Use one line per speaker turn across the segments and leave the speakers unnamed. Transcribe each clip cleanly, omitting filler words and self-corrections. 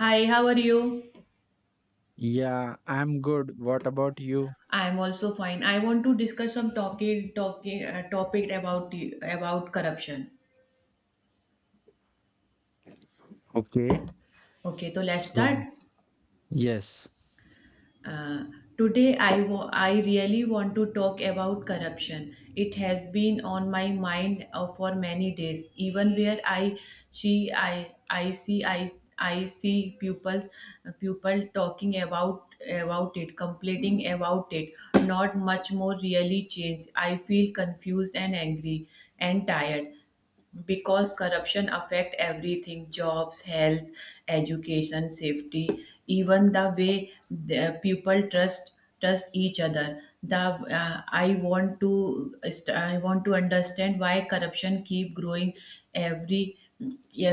Hi, how are you?
Yeah, I'm good. What about you?
I'm also fine. I want to discuss some talking topic about corruption.
Okay.
Okay, so let's start.
So, yes,
Uh, Today, I really want to talk about corruption. It has been on my mind for many days. Even where see, I, I see, I, I see people, people talking about it, complaining about it. Not much more really changed. I feel confused and angry and tired because corruption affect everything, jobs, health, education, safety, even the way the people trust each other. The I want to st- I want to understand why corruption keep growing. Every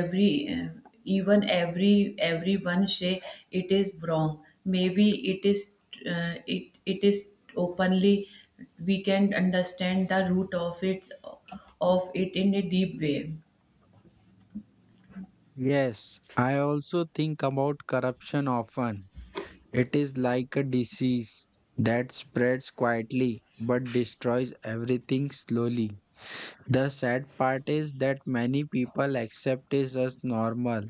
every even every Everyone say it is wrong. Maybe it is it is openly, we can understand the root of it in a deep way.
yes, I also think about corruption often. It is like a disease that spreads quietly but destroys everything slowly. The sad part is that many people accept it as normal,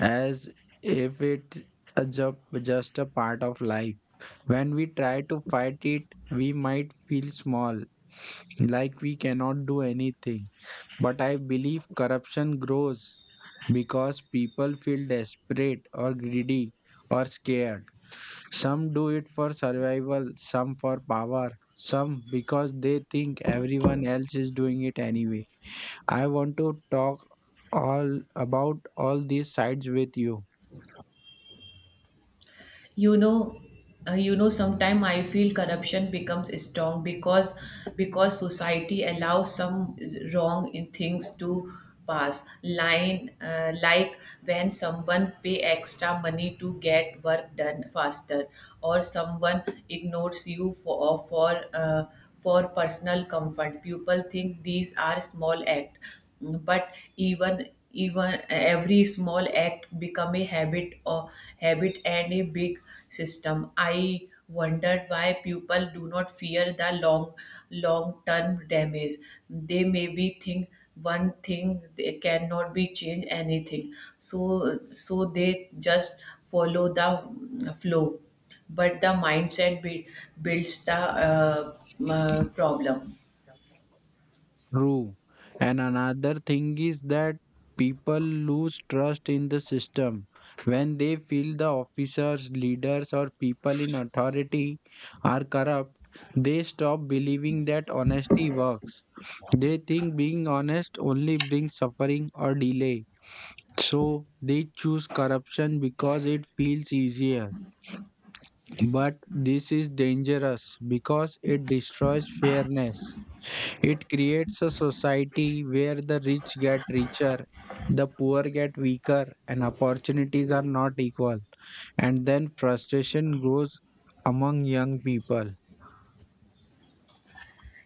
as if it's a ju- just a part of life. When we try to fight it, we might feel small, like we cannot do anything. But I believe corruption grows because people feel desperate or greedy or scared. Some do it for survival, some for power, some because they think everyone else is doing it anyway. I want to talk all about all these sides with you.
you know Sometimes I feel corruption becomes strong because society allows some wrong in things to pass line, like when someone pay extra money to get work done faster, or someone ignores you for personal comfort. People think these are small act, but even every small act become a habit and a big system. I wondered why people do not fear the long term damage. They maybe think one thing, they cannot be changed anything, so they just follow the flow. But the mindset builds the problem.
True. And another thing is that people lose trust in the system when they feel the officers, leaders, or people in authority are corrupt. They stop believing that honesty works. They think being honest only brings suffering or delay. So they choose corruption because it feels easier. But this is dangerous because it destroys fairness. It creates a society where the rich get richer, the poor get weaker, and opportunities are not equal. And then frustration grows among young people.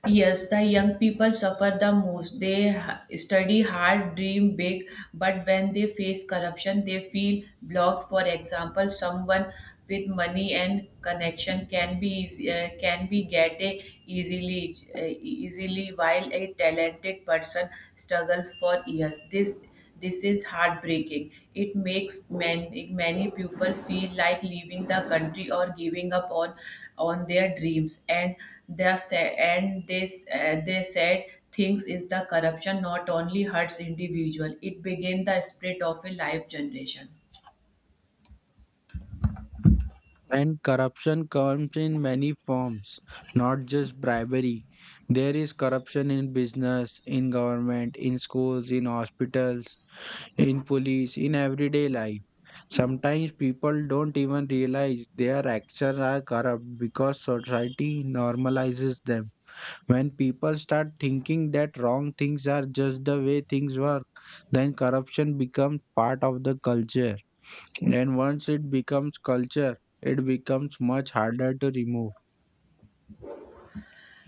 Yes, the young people suffer the most. Study hard, dream big, but when they face corruption, they feel blocked. For example, someone with money and connection can be easy, can be get a easily, while a talented person struggles for years. This is heartbreaking. It makes many, many people feel like leaving the country or giving up on their dreams. And they said things is the corruption not only hurts individual, it begins the split of a life generation.
And corruption comes in many forms, not just bribery. There is corruption in business, in government, in schools, in hospitals, in police, in everyday life. Sometimes people don't even realize their actions are corrupt because society normalizes them. When people start thinking that wrong things are just the way things work, then corruption becomes part of the culture. And once it becomes culture, it becomes much harder to remove.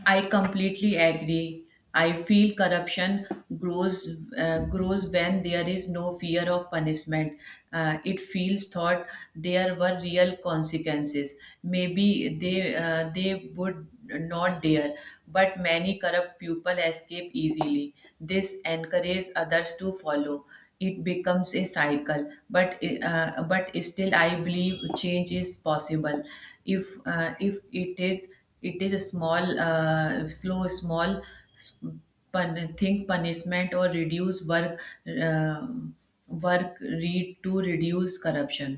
I completely agree. I feel corruption grows when there is no fear of punishment. It feels thought there were real consequences. Maybe they would not dare, but many corrupt people escape easily. This encourages others to follow. It becomes a cycle, but but still, I believe change is possible if it is, it is a small slow small think punishment or reduce work, uh, work read to reduce corruption.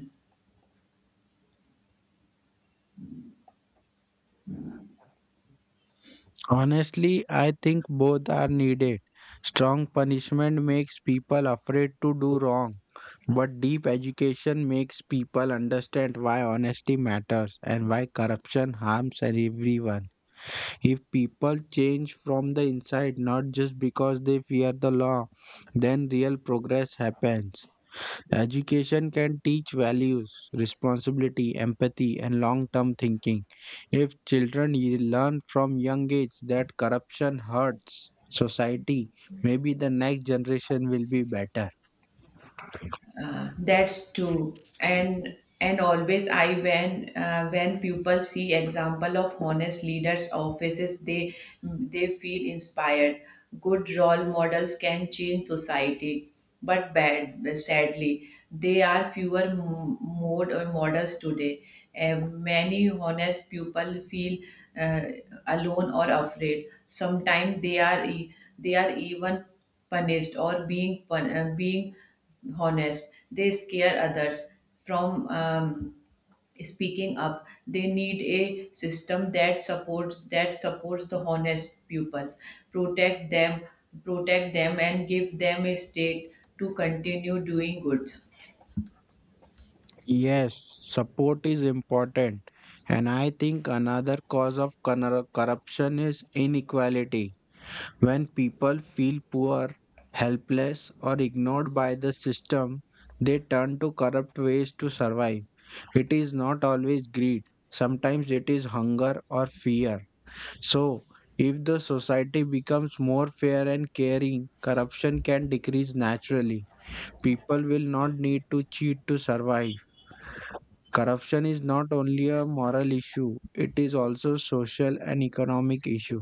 Honestly, I think both are needed. Strong punishment makes people afraid to do wrong, but deep education makes people understand why honesty matters and why corruption harms everyone. If people change from the inside, not just because they fear the law, then real progress happens. Education can teach values, responsibility, empathy, and long term thinking. If learn from young age that corruption hurts society, maybe the next generation will be better.
That's true. And always I, when people see example of honest leaders offices, they feel inspired. Good role models can change society, but bad sadly, they are fewer models today. Many honest people feel uh, alone or afraid. Sometimes they are even punished or being honest, they scare others from speaking up. They need a system that supports the honest pupils, protect them protect them and give them a state to continue doing good.
Yes, support is important. And I think another cause of corruption is inequality. When people feel poor, helpless, or ignored by the system, they turn to corrupt ways to survive. It is not always greed, sometimes it is hunger or fear. So, if the society becomes more fair and caring, corruption can decrease naturally. People will not need to cheat to survive. Corruption is not only a moral issue, it is also social and economic issue.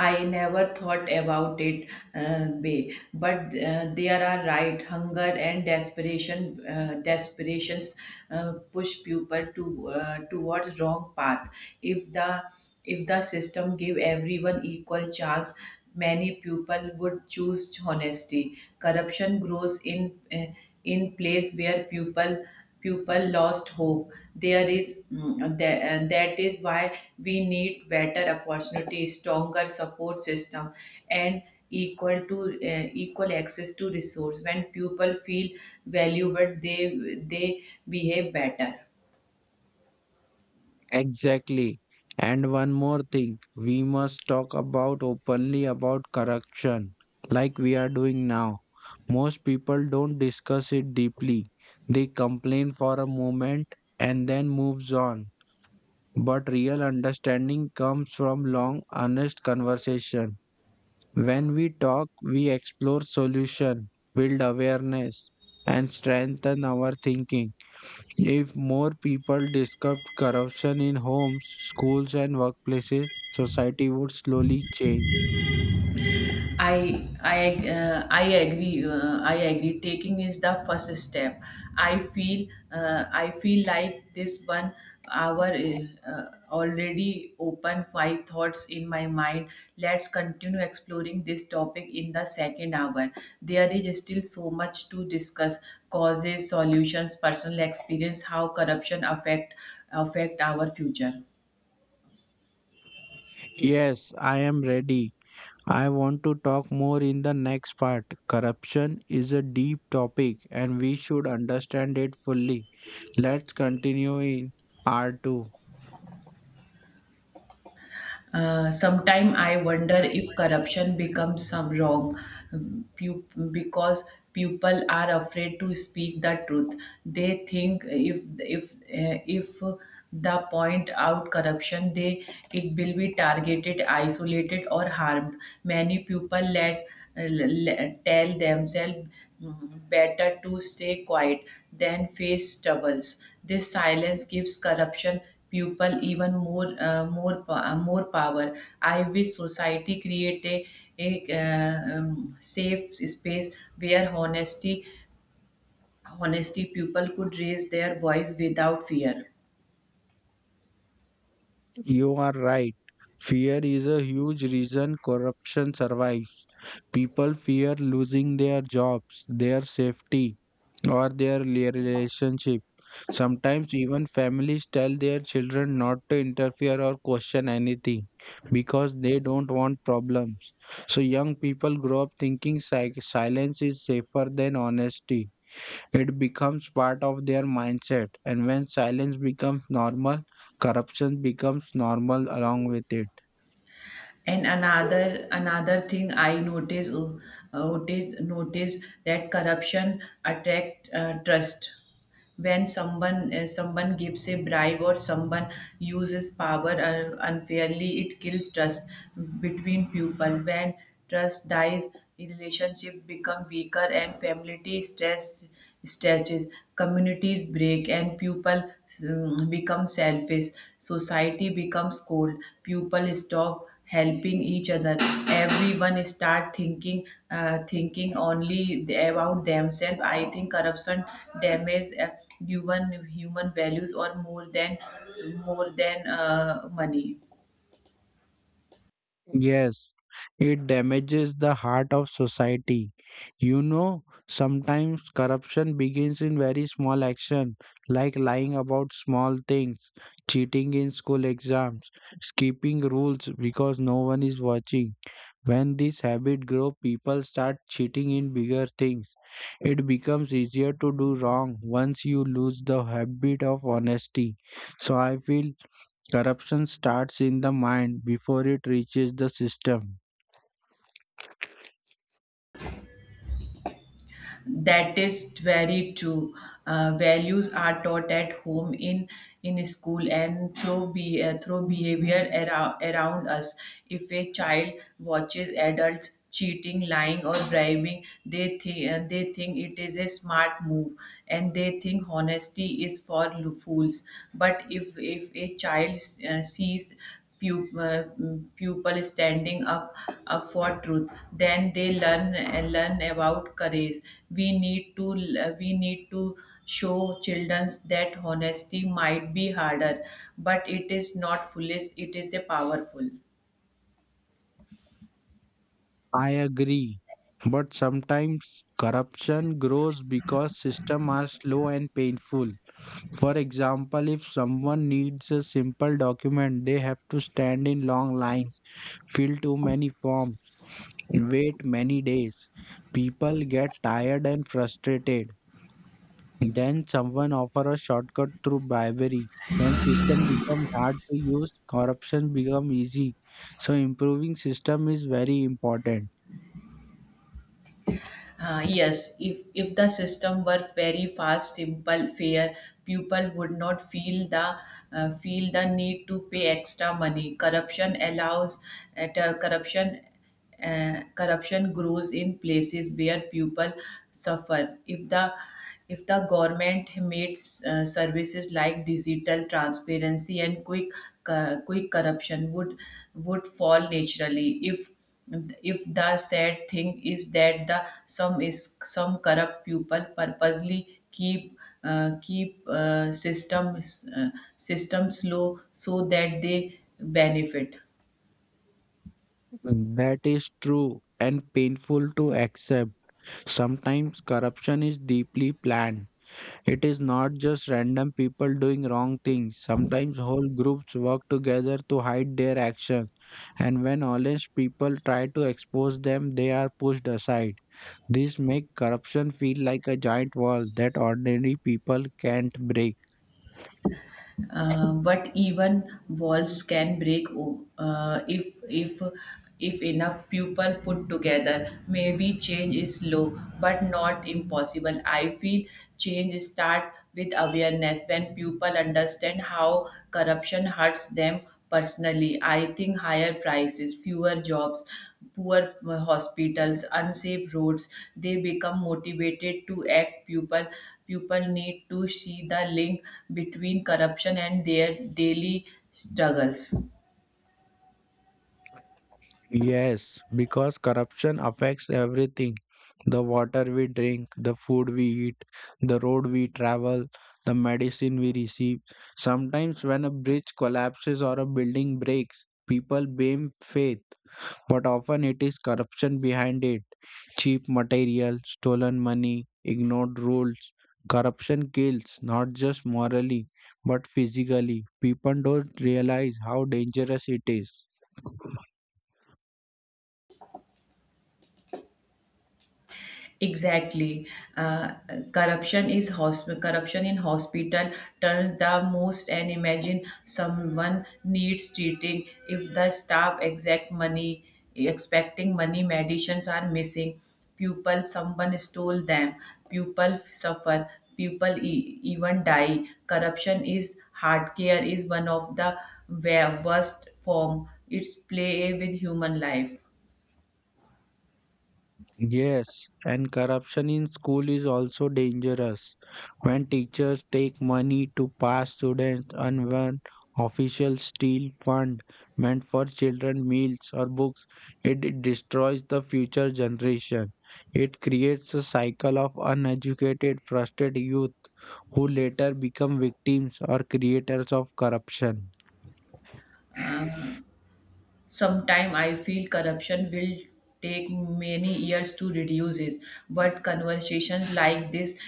I never thought about it, Bay, but there are right, hunger and desperations push people to towards wrong path. If the if the system give everyone equal chance, many people would choose honesty. Corruption grows in place where people lost hope. There is that is why we need better opportunities, stronger support system, and equal to equal access to resource. When people feel valued, they behave better.
Exactly. And one more thing, we must talk about openly about corruption, like we are doing now. Most people don't discuss it deeply. They complain for a moment and then moves on. But real understanding comes from long, honest conversation. When we talk, we explore solution, build awareness, and strengthen our thinking. If more people discussed corruption in homes, schools, and workplaces, society would slowly change.
I agree. Taking is the first step. I feel like this 1 hour is already open five thoughts in my mind. Let's continue exploring this topic in the second hour. There is still so much to discuss: causes, solutions, personal experience, how corruption affect our future.
Yes, I am ready. I want to talk more in the next part. Corruption is a deep topic and we should understand it fully. Let's continue in R2.
Sometime I wonder if corruption becomes some wrong, um, pu- because people are afraid to speak the truth. They think if the point out corruption, they, it will be targeted, isolated, or harmed. Many people let tell themselves, Better to stay quiet than face troubles." This silence gives corruption people even more power. I wish society create a safe space where honesty people could raise their voice without fear.
You are right. Fear is a huge reason corruption survives. People fear losing their jobs, their safety, or their relationship. Sometimes even families tell their children not to interfere or question anything because they don't want problems. So young people grow up thinking silence is safer than honesty. It becomes part of their mindset, and when silence becomes normal, corruption becomes normal along with it.
And another thing I notice that corruption attract trust. When someone gives a bribe, or someone uses power unfairly, it kills trust between people. When trust dies, relationship become weaker, and family stress stretches. Communities break, and people become selfish. Society becomes cold. People stop helping each other. Everyone start thinking about themselves. I think corruption damages human values or more than money.
Yes, it damages the heart of society. You know, sometimes corruption begins in very small action, like lying about small things, cheating in school exams, skipping rules because no one is watching. When this habit grows, people start cheating in bigger things. It becomes easier to do wrong once you lose the habit of honesty. So I feel corruption starts in the mind before it reaches the system.
That is very true. Values are taught at home, in school, and through be through behavior around us. If a child watches adults cheating, lying, or bribing, they think it is a smart move, and they think honesty is for fools. But if a child sees Pupil, uh, pupil up for truth, then they learn about courage. we need to we need to show children that honesty might be harder, but it is not foolish, it is a powerful.
I agree. But sometimes corruption grows because systems are slow and painful. For example, if someone needs a simple document, they have to stand in long lines, fill too many forms, wait many days. People get tired and frustrated. Then someone offer a shortcut through bribery. When system becomes hard to use, corruption become easy. So improving system is very important.
Yes, if the system were very fast, simple, fair, people would not feel the feel the need to pay extra money. Corruption allows at corruption Corruption grows in places where people suffer. If the government made services like digital transparency and quick, corruption would fall naturally. If the sad thing is that the some corrupt people purposely keep systems systems low so that they benefit.
That is true and painful to accept. Sometimes corruption is deeply planned. It is not just random people doing wrong things. Sometimes whole groups work together to hide their actions. And when honest people try to expose them, they are pushed aside. This makes corruption feel like a giant wall that ordinary people can't break.
But even walls can if if enough people put together. Maybe change is slow, but not impossible. I feel change start with awareness, when people understand how corruption hurts them personally. I think higher prices, fewer jobs, poor hospitals, unsafe roads, they become motivated to act. People need to see the link between corruption and their daily struggles.
Yes, because corruption affects everything. The water we drink, the food we eat, the road we travel, the medicine we receive. Sometimes, when a bridge collapses or a building breaks, people blame faith, but often it is corruption behind it. Cheap material, stolen money, ignored rules. Corruption kills not just morally but physically. People don't realize how dangerous it is.
Exactly. Uh, Corruption in hospital turns the most, and imagine someone needs treating, if the staff exact money expecting money, medicines are missing, people, someone stole them, people suffer, even die. Corruption is hard care, is one of the worst form, it's play with human life.
Yes, and corruption in school is also dangerous. When teachers take money to pass students and when officials steal fund meant for children meals or books, it destroys the future generation. It creates a cycle of uneducated, frustrated youth who later become victims or creators of corruption.
Sometimes I feel corruption will take many years to reduce it, but conversations like this,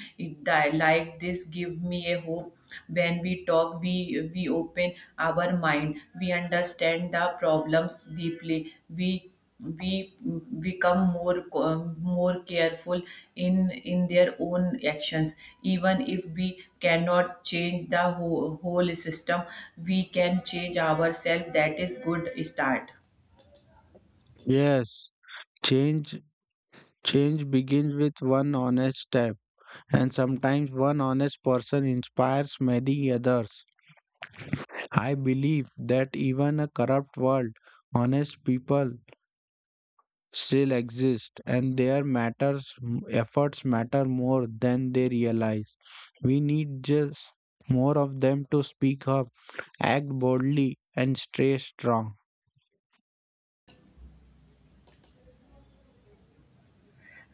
give me a hope. When we talk, we open our mind, we understand the problems deeply, we become more careful in their own actions. Even if we cannot change the whole system, we can change ourselves, that is good start.
Yes, change change begins with one honest step and sometimes one honest person inspires many others. I believe that even a corrupt world, honest people still exist and their matters efforts matter more than they realize. We need just more of them to speak up, act boldly and stay strong.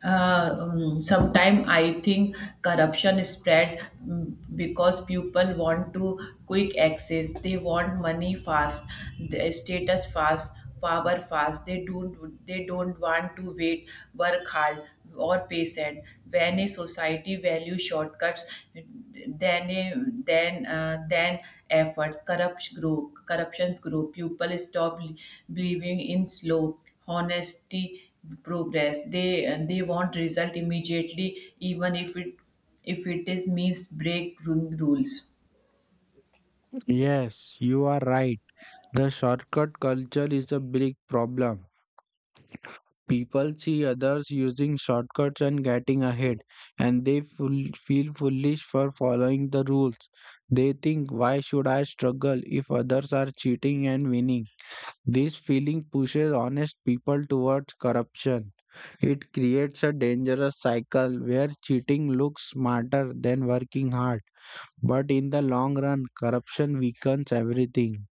Sometimes I think corruption is spread because people want to quick access. They want money fast, the status fast, power fast. They don't want to wait, work hard, or patient. When a society values shortcuts, then a, then then efforts. Corruptions group, people stop believing in slow, honesty progress. They want result immediately, even if it is means break rules.
Yes, you are right. The shortcut culture is a big problem. People see others using shortcuts and getting ahead, and they feel foolish for following the rules. They think, why should I struggle if others are cheating and winning? This feeling pushes honest people towards corruption. It creates a dangerous cycle where cheating looks smarter than working hard. But in the long run, corruption weakens everything.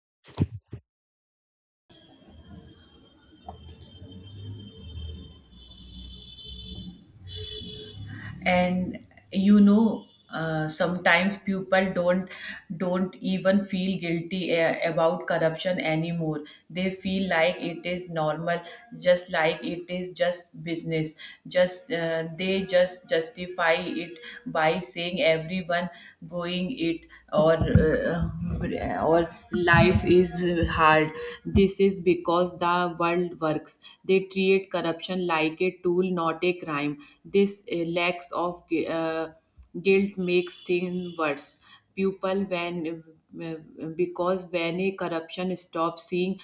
And you know, sometimes people don't even feel guilty about corruption anymore. They feel like it is normal, just like it is just business, just they just justify it by saying everyone going it, or life is hard. This is because the world works. They treat corruption like a tool, not a crime. This lack of gu- guilt makes things worse. People, when because When a corruption stops seeing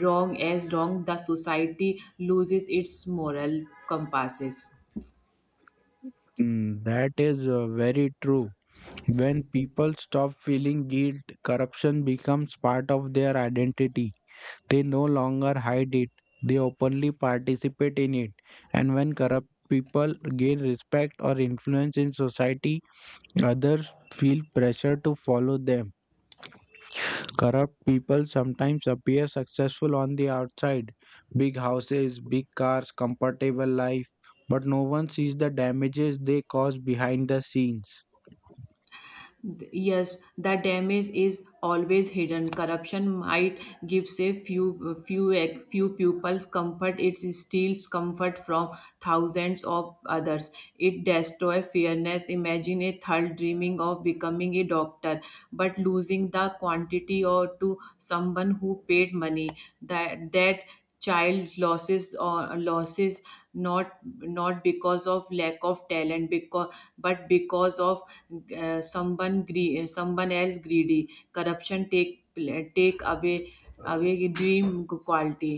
wrong as wrong, the society loses its moral compasses.
That is very true. When people stop feeling guilt, corruption becomes part of their identity. They no longer hide it, they openly participate in it. And when corrupt people gain respect or influence in society, others feel pressure to follow them. Corrupt people sometimes appear successful on the outside, big houses, big cars, comfortable life. But no one sees the damages they cause behind the scenes.
Yes, the damage is always hidden. Corruption might give a few few pupils comfort. It steals comfort from thousands of others. It destroys fairness. Imagine a third dreaming of becoming a doctor, but losing the quantity or to someone who paid money. That child losses not not because of lack of talent, because but because of someone else greedy. Corruption take away dream quality.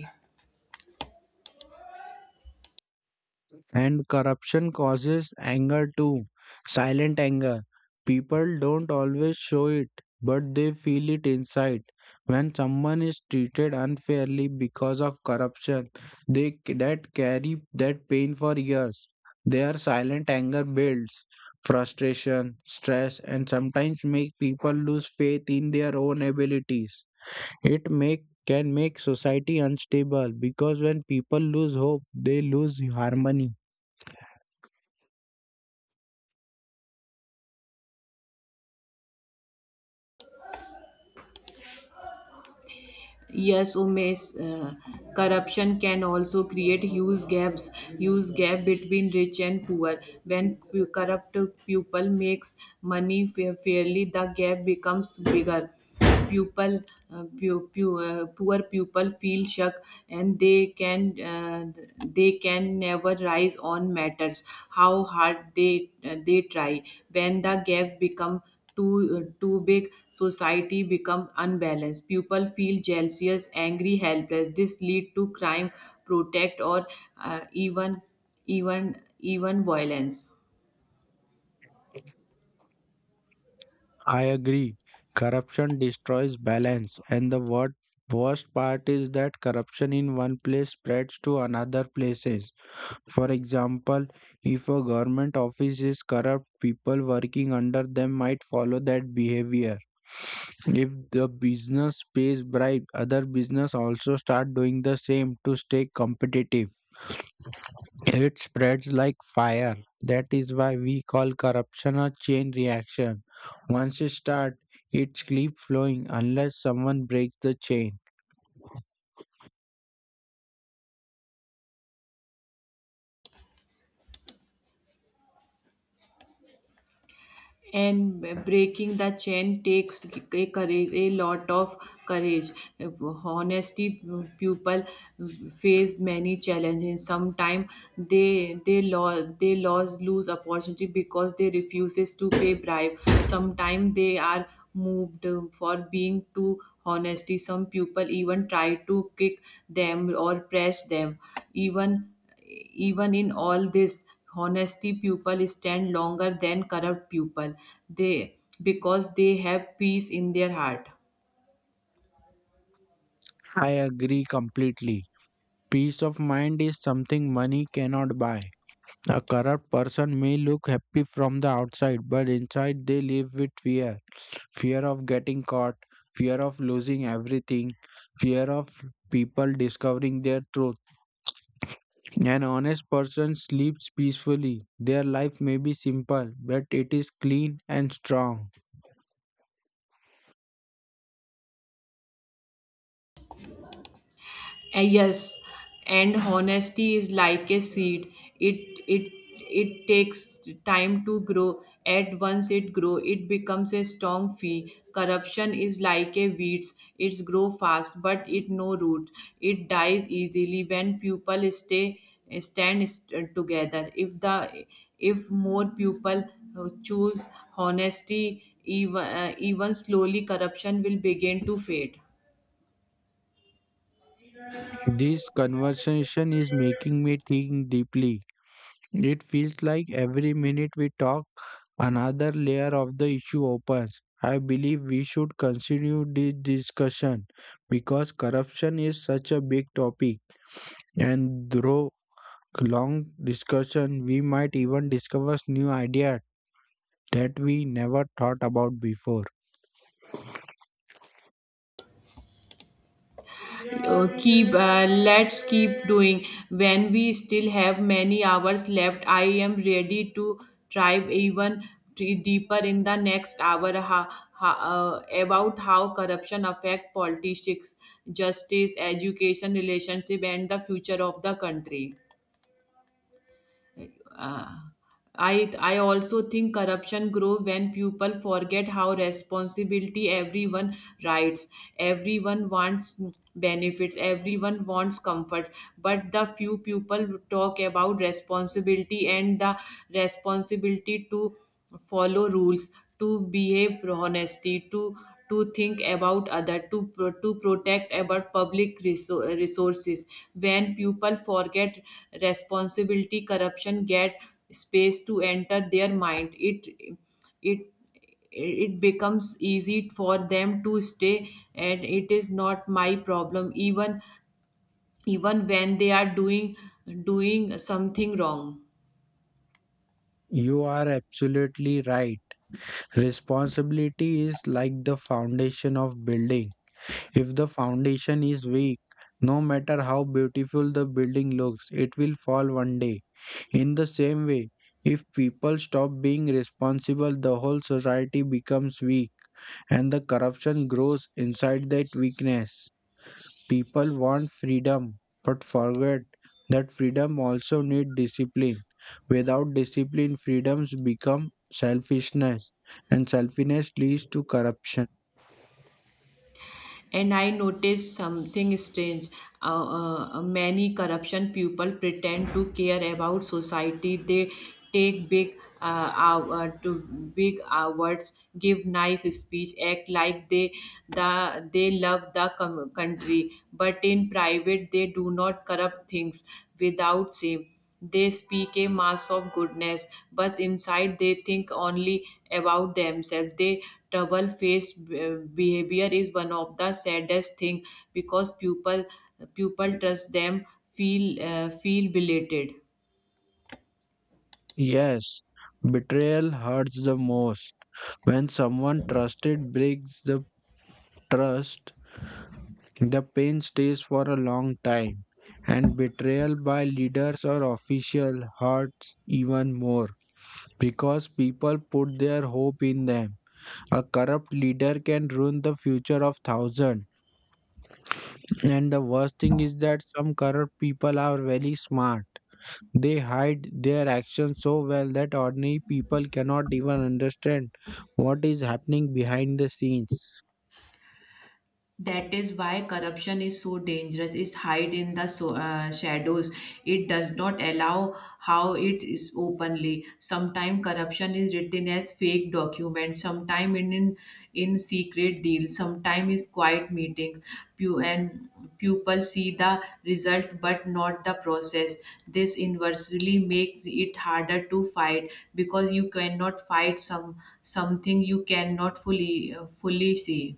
And corruption causes anger too, silent anger. People don't always show it, but they feel it inside. When someone is treated unfairly because of corruption, that carry that pain for years. Their silent anger builds frustration, stress, and sometimes make people lose faith in their own abilities. It make can make society unstable because when people lose hope, they lose harmony.
Yes, corruption can also create huge gap between rich and poor. When corrupt people makes money fairly, the gap becomes bigger. People, Poor people feel shock, and they can never rise on matters, how hard they try. When the gap become too big, society become unbalanced. People feel jealous, angry, helpless. This lead to crime, protest, or uh, even even violence.
I agree. Corruption destroys balance, and the worst part is that corruption in one place spreads to another places. For example, if a government office is corrupt, people working under them might follow that behavior. If the business pays bribe, other business also start doing the same to stay competitive. It spreads like fire. That is why we call corruption a chain reaction. Once it starts, it keeps flowing unless someone breaks the chain.
And breaking the chain takes a lot of courage, honesty people face many challenges. Sometimes they lose opportunity because they refuses to pay bribe. Sometimes they are moved for being too honesty, some people even try to kick them or press them. even Even in all this, honesty people stand longer than corrupt people, they because they have peace in their heart.
I agree completely. Peace of mind is something money cannot buy. A corrupt person may look happy from the outside, but inside they live with fear, fear of getting caught, fear of losing everything, fear of people discovering their truth. An honest person sleeps peacefully. Their life may be simple, but it is clean and strong.
Yes, and honesty is like a seed. It it it takes time to grow. At once it grow, it becomes a strong fee. Corruption is like a weeds, it's grow fast, but it no root. It dies easily when people stay stand st- together. If more people choose honesty, even even slowly corruption will begin to fade.
This conversation is making me think deeply. It feels like every minute we talk, another layer of the issue opens. I believe we should continue this discussion because corruption is such a big topic. And through long discussion, we might even discover new ideas that we never thought about before.
Keep Let's keep doing when we still have many hours left. I am ready to dive even deeper in the next hour, about how corruption affect politics, justice, education, relationship, and the future of the country. Uh, I also think corruption grow when people forget how responsibility, everyone rights. Everyone wants benefits. Everyone wants comfort. But the few people talk about responsibility, and the responsibility to follow rules, to behave honesty, to think about other, to protect about public resources. When people forget responsibility, corruption get space to enter their mind. It it becomes easy for them to stay and it is not my problem, even even when they are doing something wrong.
You are absolutely right. Responsibility is like the foundation of building. If the foundation is weak, no matter how beautiful the building looks, it will fall one day. In the same way, if people stop being responsible, the whole society becomes weak and the corruption grows inside that weakness. People want freedom but forget that freedom also needs discipline. Without discipline, freedoms become selfishness, and selfishness leads to corruption.
And I noticed something strange. Many corruption people pretend to care about society. They take big hou- to big awards, give nice speech, act like they love the country, but in private they do not corrupt things without shame. They speak a marks of goodness, but inside they think only about themselves. Their trouble faced behavior is one of the saddest thing because people trust them, feel feel belated.
Yes, betrayal hurts the most. When someone trusted breaks the trust, the pain stays for a long time, and betrayal by leaders or officials hurts even more because people put their hope in them. A corrupt leader can ruin the future of thousands. And the worst thing is that some corrupt people are very smart. They hide their actions so well that ordinary people cannot even understand what is happening behind the scenes.
That is why corruption is so dangerous, it's hide in the shadows. It does not allow how it is openly. Sometimes corruption is written as fake documents, sometimes in secret deals, sometimes is quiet meetings. And pupils see the result but not the process. This inversely makes it harder to fight because you cannot fight something you cannot fully see.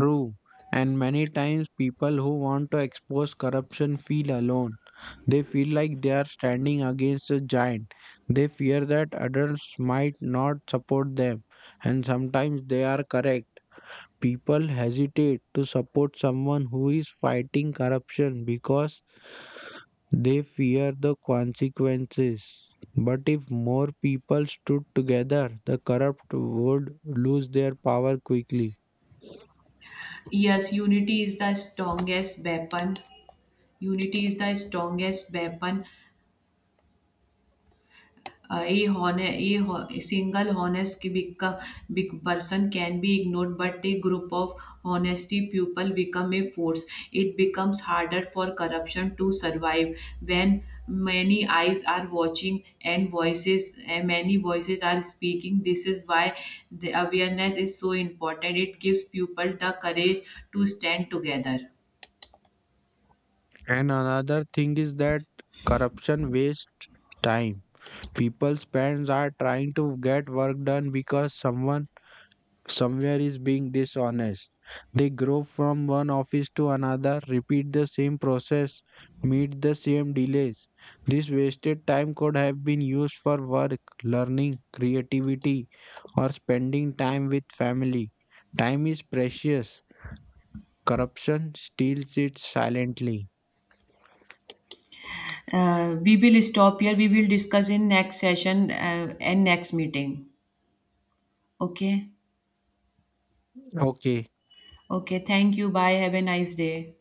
True. And many times people who want to expose corruption feel alone. They feel like they are standing against a giant. They fear that adults might not support them. And sometimes they are correct, people hesitate to support someone who is fighting corruption because they fear the consequences. But if more people stood together, the corrupt would lose their power quickly.
Yes, unity is the strongest weapon. Unity is the strongest weapon. A, hone- a, ho- a single honest ki- beco- big person can be ignored, but a group of honesty people become a force. It becomes harder for corruption to survive when many eyes are watching, and voices and many voices are speaking. This is why the awareness is so important, it gives people the courage to stand together.
And another thing is that corruption wastes time. People's parents are trying to get work done because someone somewhere is being dishonest. They grow from one office to another, repeat the same process, meet the same delays. This wasted time could have been used for work, learning, creativity, or spending time with family. Time is precious. Corruption steals it silently.
We will stop here. We will discuss in next session and next meeting. Okay.
Okay.
Okay. Thank you. Bye. Have a nice day.